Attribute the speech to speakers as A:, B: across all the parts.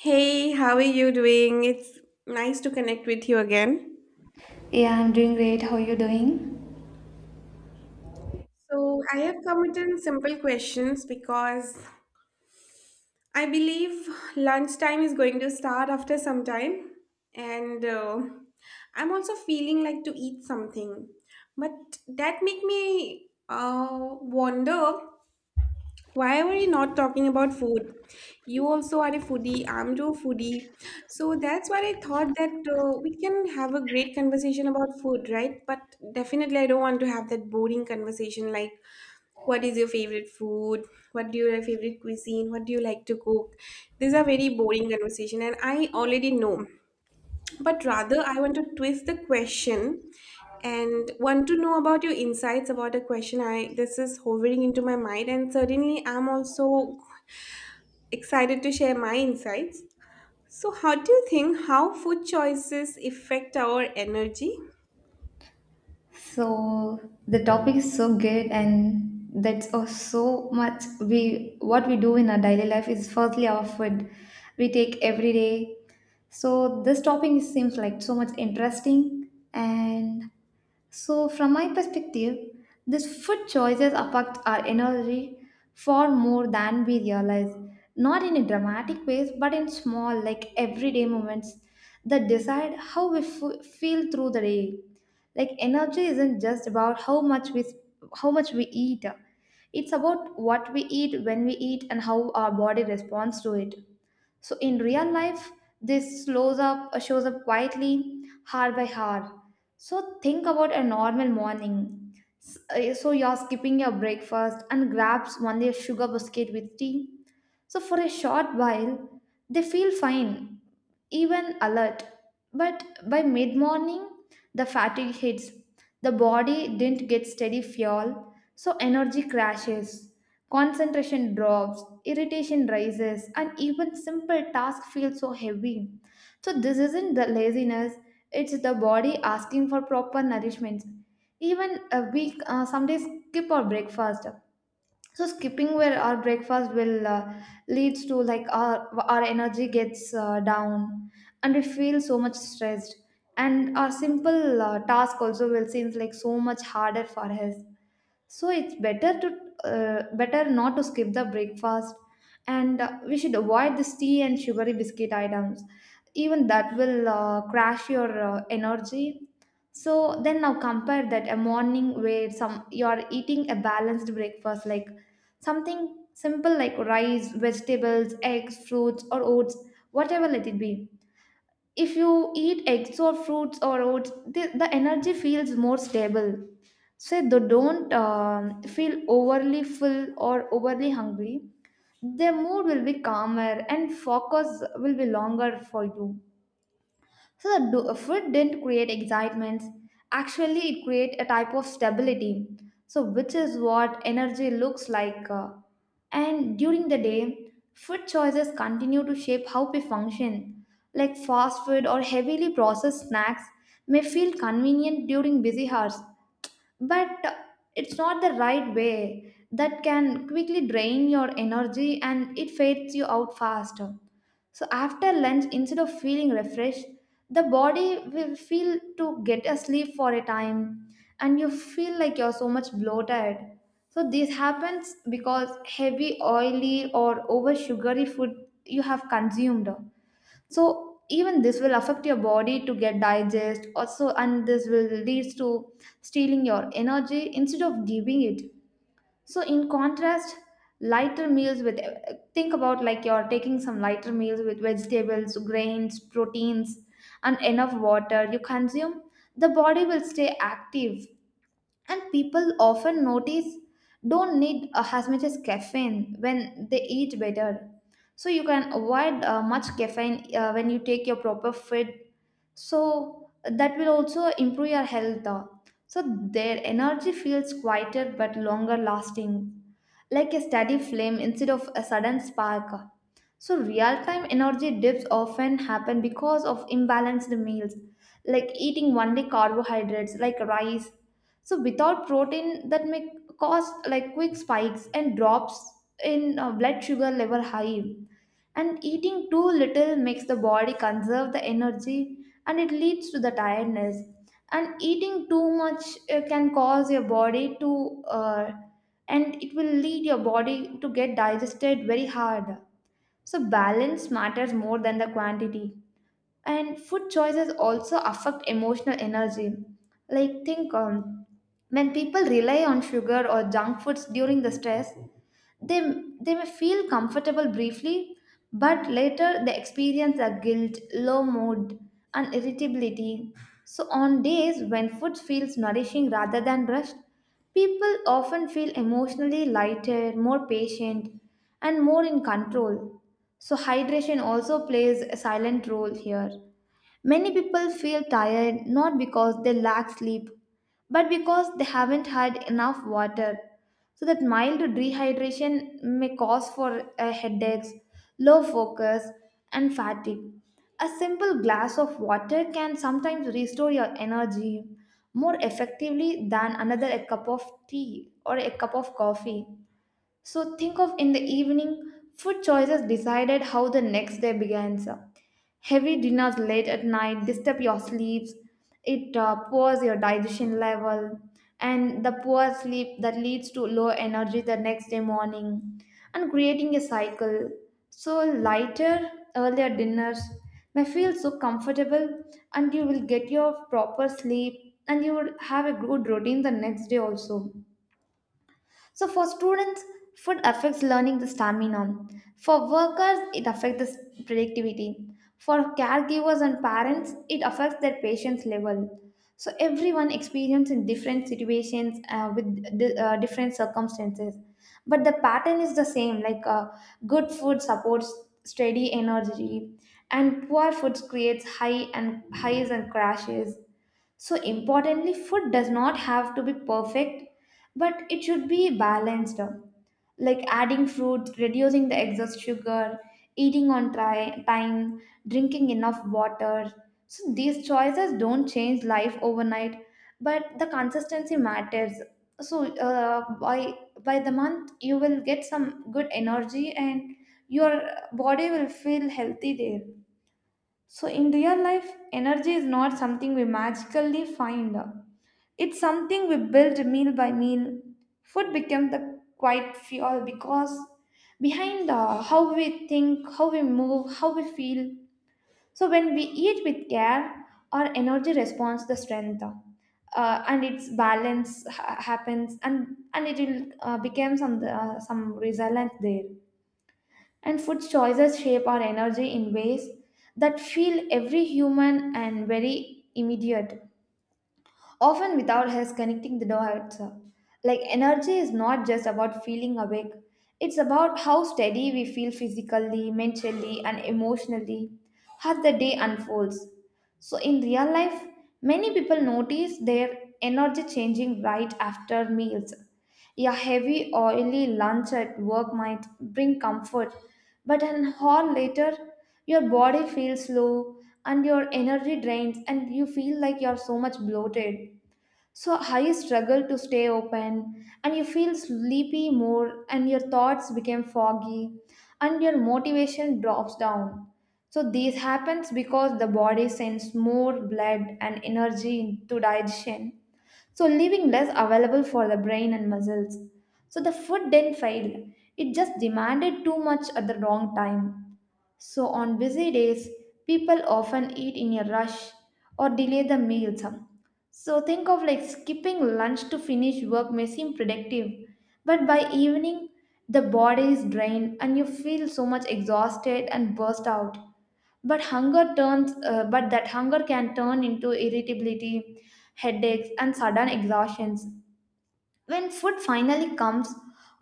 A: Hey, how are you doing? It's nice to connect with you again.
B: Yeah, I'm doing great. How are you doing?
A: So, I have come with some simple questions because I believe lunchtime is going to start after some time, and I'm also feeling like to eat something. But that make me wonder, why are we not talking about food? You also are a foodie. I'm too foodie. So that's why I thought that we can have a great conversation about food, right? But definitely, I don't want to have that boring conversation like, what is your favorite food? What do you your favorite cuisine? What do you like to cook? These are very boring conversation, and I already know. But rather, I want to twist the question and want to know about your insights about a question I this is hovering into my mind, and certainly I'm also excited to share my insights. So how do you think how food choices affect our energy?
B: So the topic is so good, and that's oh, so much. We what we do in our daily life is firstly our food we take every day. So this seems like so much interesting, and so from my perspective, these food choices affect our energy far more than we realize. Not in a dramatic ways, but in small, like everyday moments that decide how we feel through the day, like energy isn't just about how much we eat. It's about what we eat, when we eat, and how our body responds to it. So in real life, this slows up shows up quietly, hour by hour. So think about a normal morning. So you're skipping your breakfast and grabs only a sugar biscuit with tea. So, for a short while, they feel fine, even alert. But by mid morning, the fatigue hits. The body didn't get steady fuel, so energy crashes. Concentration drops, irritation rises, and even simple tasks feel so heavy. So, this isn't the laziness, it's the body asking for proper nourishment. Even some days skip our breakfast, so skipping where our breakfast will leads to like our energy gets down, and we feel so much stressed, and our simple task also will seems like so much harder for us. So it's better to better not to skip the breakfast, and we should avoid this tea and sugary biscuit items. Even that will crash your energy. So then now compare that a morning where some you are eating a balanced breakfast, like something simple like rice, vegetables, eggs, fruits, or oats, whatever let it be. If you eat eggs or fruits or oats, the energy feels more stable. So they don't feel overly full or overly hungry. Their mood will be calmer and focus will be longer for you. So the food didn't create excitement. Actually, it created a type of stability, so which is what energy looks like. And during the day, food choices continue to shape how we function. Like fast food or heavily processed snacks may feel convenient during busy hours, but it's not the right way. That can quickly drain your energy, and it fades you out faster. So after lunch, instead of feeling refreshed, the body will feel to get a sleep for a time, and you feel like you're so much bloated. So this happens because heavy, oily, or over sugary food you have consumed. So even this will affect your body to get digest also, and this will leads to stealing your energy instead of giving it. So in contrast, lighter meals with, think about like you're taking some lighter meals with vegetables, grains, proteins, and enough water you consume, the body will stay active. And people often notice don't need as much as caffeine when they eat better. So you can avoid much caffeine when you take your proper food, so that will also improve your health. So their energy feels quieter but longer lasting, like a steady flame instead of a sudden spark. So real-time energy dips often happen because of imbalanced meals, like eating one day carbohydrates like rice, so without protein, that may cause like quick spikes and drops in blood sugar level high. And eating too little makes the body conserve the energy, and it leads to the tiredness. And eating too much can cause your body and it will lead your body to get digested very hard. So balance matters more than the quantity, and food choices also affect emotional energy. Like think, when people rely on sugar or junk foods during the stress, they they may feel comfortable briefly, but later they experience a guilt, low mood, and irritability. So on days when food feels nourishing rather than rushed, people often feel emotionally lighter, more patient, and more in control. So hydration also plays a silent role here. Many people feel tired not because they lack sleep, but because they haven't had enough water. So that mild dehydration may cause for headaches, low focus, and fatigue. A simple glass of water can sometimes restore your energy more effectively than another a cup of tea or a cup of coffee. So think of in the evening, food choices decided how the next day begins. Heavy dinners late at night disturb your sleeps. It pours your digestion level, and the poor sleep that leads to low energy the next day morning, and creating a cycle. So lighter, earlier dinners may feel so comfortable, and you will get your proper sleep, and you will have a good routine the next day also. So for students, food affects learning the stamina. For workers, it affects the productivity. For caregivers and parents, it affects their patience level. So everyone experiences in different situations with different circumstances, but the pattern is the same. Like good food supports steady energy, and poor food creates high and highs and crashes. So, importantly, food does not have to be perfect, but it should be balanced. Like adding fruit, reducing the excess sugar, eating on time, drinking enough water. So, these choices don't change life overnight, but the consistency matters. So, by the month, you will get some good energy, and your body will feel healthy there. So, in real life, energy is not something we magically find. It's something we build meal by meal. Food becomes the quiet fuel because behind how we think, how we move, how we feel. So, when we eat with care, our energy responds the strength. And its happens, and it will become some resilience there. And food choices shape our energy in ways that feel every human and very immediate, often without us connecting the dots. Like energy is not just about feeling awake, it's about how steady we feel physically, mentally, and emotionally as the day unfolds. So, in real life, many people notice their energy changing right after meals. A heavy, oily lunch at work might bring comfort, but an hour later, your body feels low and your energy drains, and you feel like you're so much bloated. So, how you struggle to stay open, and you feel sleepy more, and your thoughts become foggy, and your motivation drops down. So, this happens because the body sends more blood and energy to digestion, so leaving less available for the brain and muscles. So, the food didn't fail, it just demanded too much at the wrong time. So, on busy days, people often eat in a rush or delay the meals. So, think of like skipping lunch to finish work may seem productive, but by evening, the body is drained, and you feel so much exhausted and burst out. But that hunger can turn into irritability, headaches, and sudden exhaustions. When food finally comes,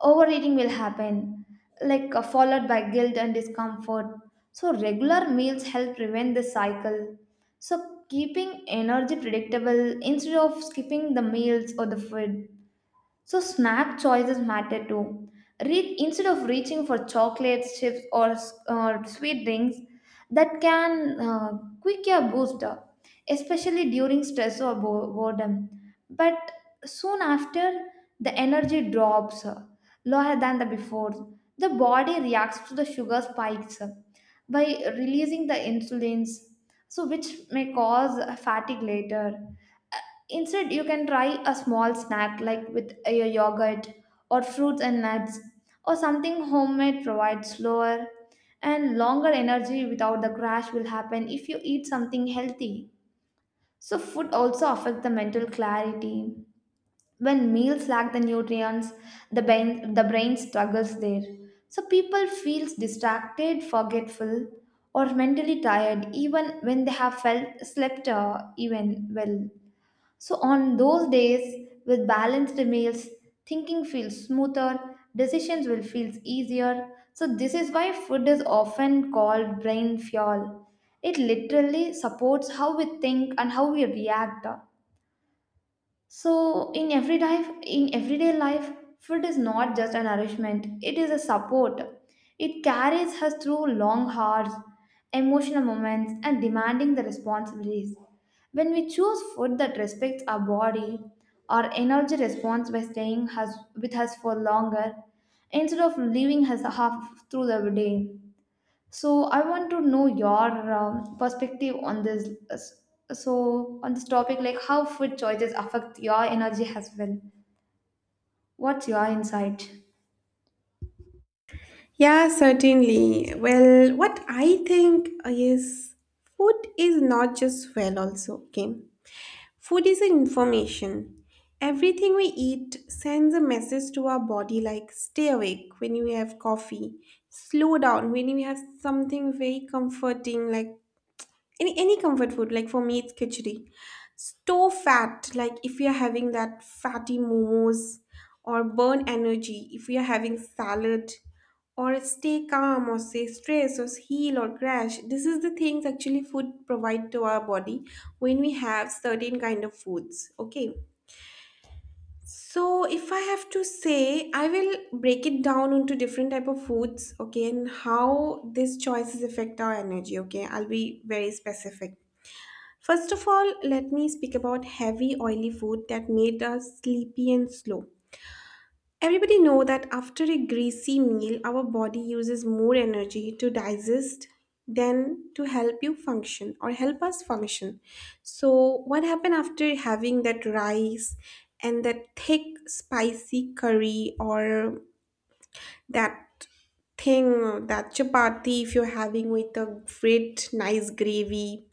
B: overeating will happen, followed by guilt and discomfort. So, regular meals help prevent this cycle. So, keeping energy predictable instead of skipping the meals or the food. So snack choices matter too. Instead of reaching for chocolates, chips, or sweet drinks that can quick your boost up, especially during stress or boredom. But soon after, the energy drops lower than the before. The body reacts to the sugar spikes by releasing the insulins, so which may cause fatigue later. Uh, Instead, you can try a small snack like with a yogurt or fruits and nuts, or something homemade provides slower and longer energy without the crash will happen if you eat something healthy. So food also affects the mental clarity. When meals lack the nutrients, the brain struggles there. So people feels distracted, forgetful, or mentally tired even when they have felt slept even well. So on those days with balanced meals, thinking feels smoother, decisions will feel easier. So this is why food is often called brain fuel. It literally supports how we think and how we react. So in everyday life, food is not just a nourishment, it is a support. It carries us through long hours, emotional moments, and demanding the responsibilities. When we choose food that respects our body, our energy responds by staying us, with us for longer instead of leaving us half through the day. So I want to know your perspective on this. So on this topic, like how food choices affect your energy as well. What's your insight?
A: Yeah, certainly. Well, what I think is, food is not just fuel also, okay? Food is an information. Everything we eat sends a message to our body, like stay awake when you have coffee, slow down when you have something very comforting, like any comfort food. Like for me, it's khichdi. Store fat, like if we are having that fatty momos, or burn energy if we are having salad, or stay calm, or stay stress, or heal, or crash. This is the things actually food provide to our body when we have certain kind of foods, okay. So if I have to say, I will break it down into different type of foods, okay, and how these choices affect our energy, okay. I'll be very specific. First of all, let me speak about heavy oily food that made us sleepy and slow. Everybody know that after a greasy meal, our body uses more energy to digest than to help you function or help us function. So what happened after having that rice and that thick spicy curry, or that thing, that chapati if you're having with a great nice gravy?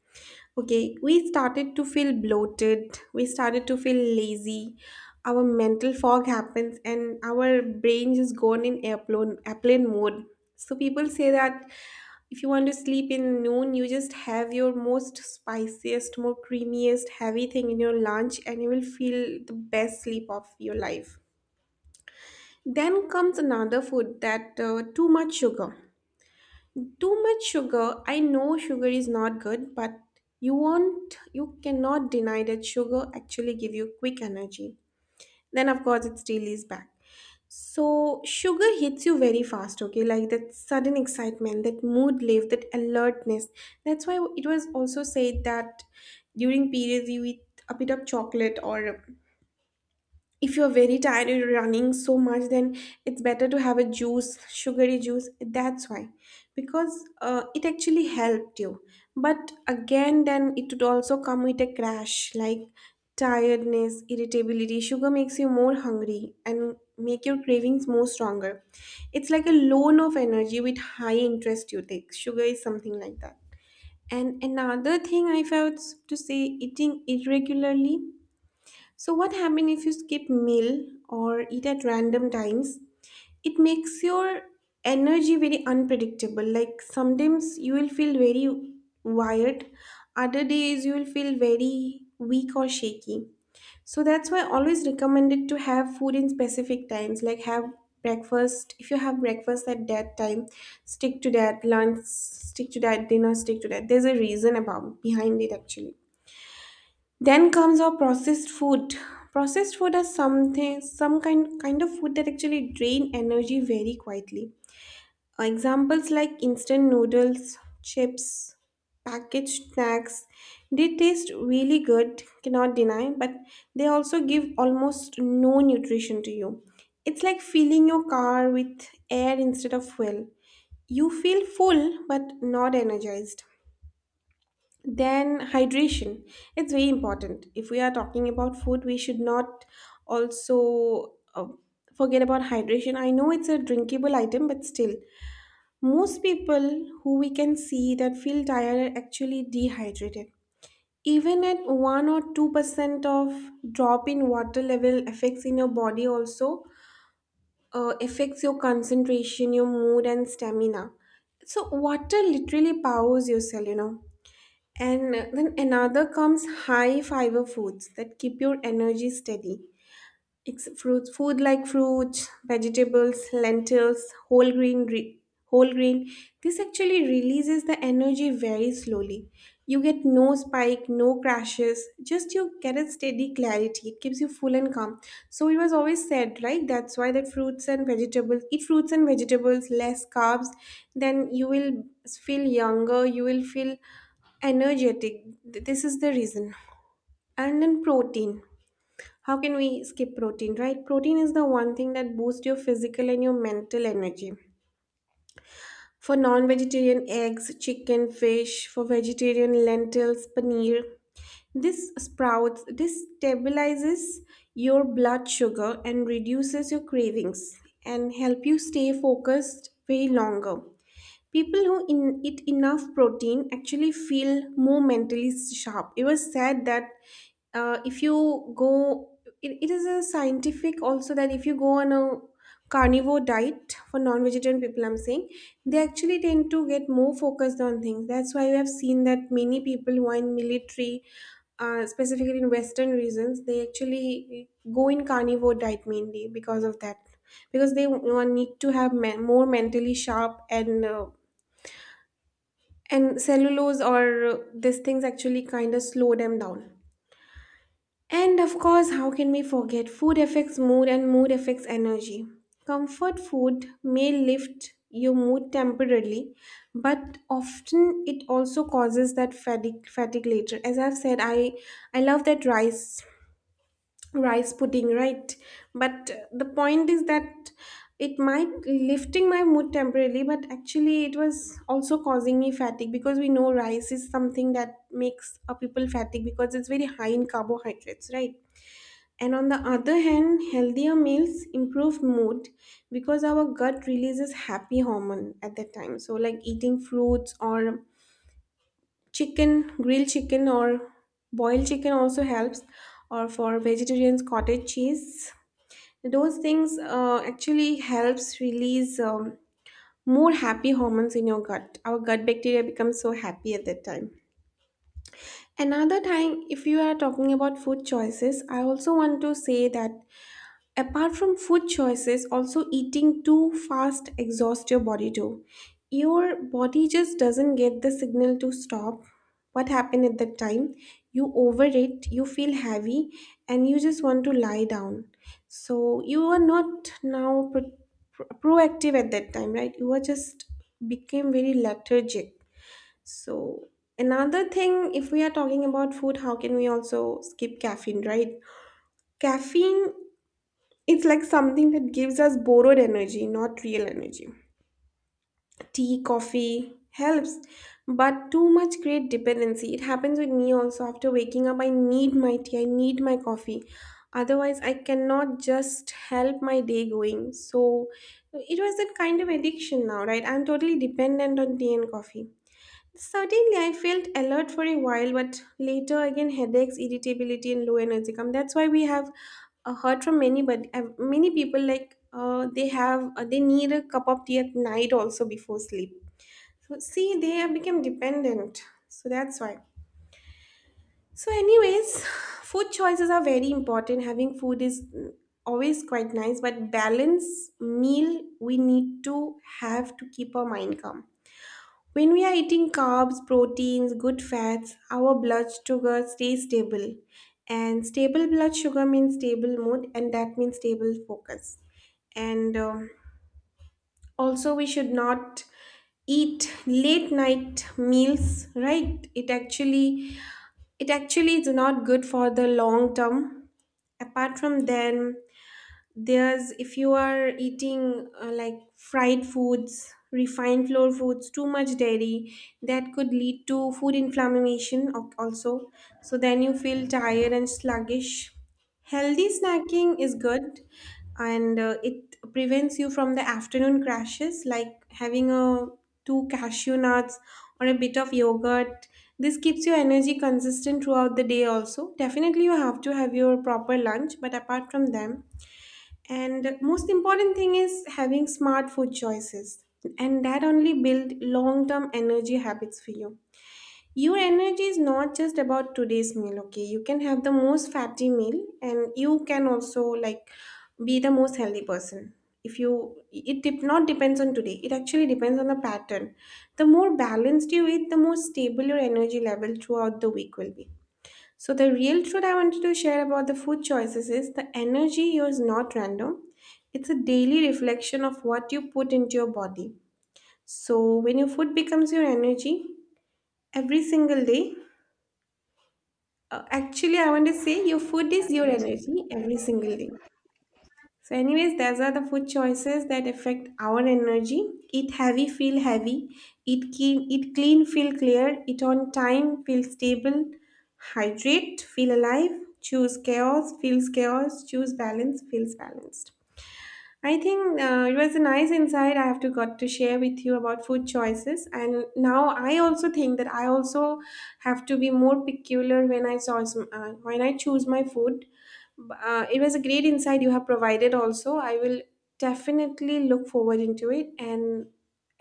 A: Okay, we started to feel bloated, we started to feel lazy, our mental fog happens, and our brain is gone in airplane mode. So, people say that if you want to sleep in noon, you just have your most spiciest, more creamiest, heavy thing in your lunch, and you will feel the best sleep of your life. Then comes another food, that too much sugar. Too much sugar. I know sugar is not good, but you cannot deny that sugar actually give you quick energy. Then of course it still is back. So sugar hits you very fast, okay? Like that sudden excitement, that mood lift, that alertness. That's why it was also said that during periods you eat a bit of chocolate, or if you're very tired, you're running so much, then it's better to have a juice, sugary juice. That's why, because it actually helped you. But again, then it would also come with a crash, like tiredness, irritability. Sugar makes you more hungry and make your cravings more stronger. It's like a loan of energy with high interest you take. Sugar is something like that. And another thing I felt to say: eating irregularly. So what happens if you skip meal or eat at random times? It makes your energy very unpredictable. Like sometimes you will feel very wired, other days you will feel very weak or shaky. So that's why I always recommended to have food in specific times. Like have breakfast. If you have breakfast at that time, stick to that. Lunch, stick to that. Dinner, stick to that. There's a reason about behind it actually. Then comes our processed food. Processed food is something, some kind of food that actually drain energy very quietly. Examples like instant noodles, chips, packaged snacks, they taste really good, cannot deny, but they also give almost no nutrition to you. It's like filling your car with air instead of fuel. You feel full but not energized. Then hydration. It's very important. If we are talking about food, we should not also forget about hydration. I know it's a drinkable item, but still, most people who we can see that feel tired are actually dehydrated. Even at 1 or 2% of drop in water level affects in your body also, affects your concentration, your mood and stamina. So water literally powers your cell. And then another comes high fiber foods that keep your energy steady. Fruits, food like fruits, vegetables, lentils, whole grain, whole grain. This actually releases the energy very slowly. You get no spike, no crashes. Just you get a steady clarity. It keeps you full and calm. So it was always said, right? That's why that fruits and vegetables. Eat fruits and vegetables, less carbs. Then you will feel younger. You will feel energetic. This is the reason. And then protein. How can we skip protein, right? Protein is the one thing that boosts your physical and your mental energy. For non vegetarian, eggs, chicken, fish. For vegetarian, lentils, paneer. This sprouts, this stabilizes your blood sugar and reduces your cravings and help you stay focused way longer. People who eat enough protein actually feel more mentally sharp. It was said that if it is a scientific also that if you go on a carnivore diet, for non-vegetarian people, I'm saying, they actually tend to get more focused on things. That's why you have seen that many people who are in military, specifically in Western regions, they actually go in carnivore diet mainly because of that, because they need to have more mentally sharp, and cellulose or these things actually kind of slow them down. And of course, how can we forget? Food affects mood and mood affects energy. Comfort food may lift your mood temporarily, but often it also causes that fatigue later. As I've said, I love that rice pudding, right? But the point is that it might lifting my mood temporarily, but actually it was also causing me fatigue, because we know rice is something that makes a people fatigue because it's very high in carbohydrates, right? And on the other hand, healthier meals improve mood because our gut releases happy hormone at that time. So like eating fruits, or chicken grilled chicken or boiled chicken also helps, or for vegetarians, cottage cheese. Those things actually helps release more happy hormones in your gut. Our gut bacteria becomes so happy at that time. Another time, if you are talking about food choices, I also want to say that, apart from food choices, also eating too fast exhausts your body too. Your body just doesn't get the signal to stop. What happened at that time? You overeat, you feel heavy, and you just want to lie down. So you are not now proactive at that time, right? You are just became very lethargic. So another thing, if we are talking about food, how can we also skip caffeine, right? Caffeine, it's like something that gives us borrowed energy, not real energy. Tea, coffee helps, but too much create dependency. It happens with me also. After waking up, I need my tea, I need my coffee. Otherwise, I cannot just help my day going. So it was that kind of addiction now, right? I'm totally dependent on tea and coffee. Certainly, I felt alert for a while, but later again headaches, irritability, and low energy come. That's why we have heard from many, but many people like, they need a cup of tea at night also before sleep. So see, they have become dependent. So that's why. So, anyways, food choices are very important. Having food is always quite nice, but balance meal we need to have to keep our mind calm. When we are eating carbs, proteins, good fats, our blood sugar stays stable. And stable blood sugar means stable mood, and that means stable focus. And also, we should not eat late night meals, right? It actually is not good for the long term. Apart from then, there's if you are eating like fried foods, refined flour foods, too much dairy, that could lead to food inflammation also. So then you feel tired and sluggish. Healthy snacking is good, and it prevents you from the afternoon crashes, like having a two cashew nuts or a bit of yogurt. This keeps your energy consistent throughout the day. Also, definitely you have to have your proper lunch, but apart from them, and most important thing is having smart food choices. And that only build long-term energy habits for you. Your energy is not just about today's meal, okay? You can have the most fatty meal and you can also like be the most healthy person. If you it dep not depends on today. It actually depends on the pattern. The more balanced you eat, the more stable your energy level throughout the week will be. So, the real truth I wanted to share about the food choices is, the energy is not random. It's a daily reflection of what you put into your body. So, when your food becomes your energy every single day, actually, I want to say your food is your energy every single day. So, anyways, those are the food choices that affect our energy. Eat heavy, feel heavy. Eat clean, feel clear. Eat on time, feel stable. Hydrate, feel alive. Choose chaos, feels chaos. Choose balance, feels balanced. I think it was a nice insight I have to got to share with you about food choices. And now I also think that I also have to be more peculiar when I when I choose my food. It was a great insight you have provided. Also, I will definitely look forward into it. And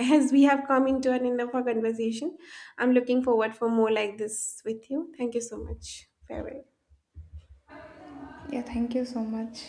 A: as we have come into an end of our conversation, I'm looking forward for more like this with you. Thank you so much. Farewell.
B: Yeah, thank you so much.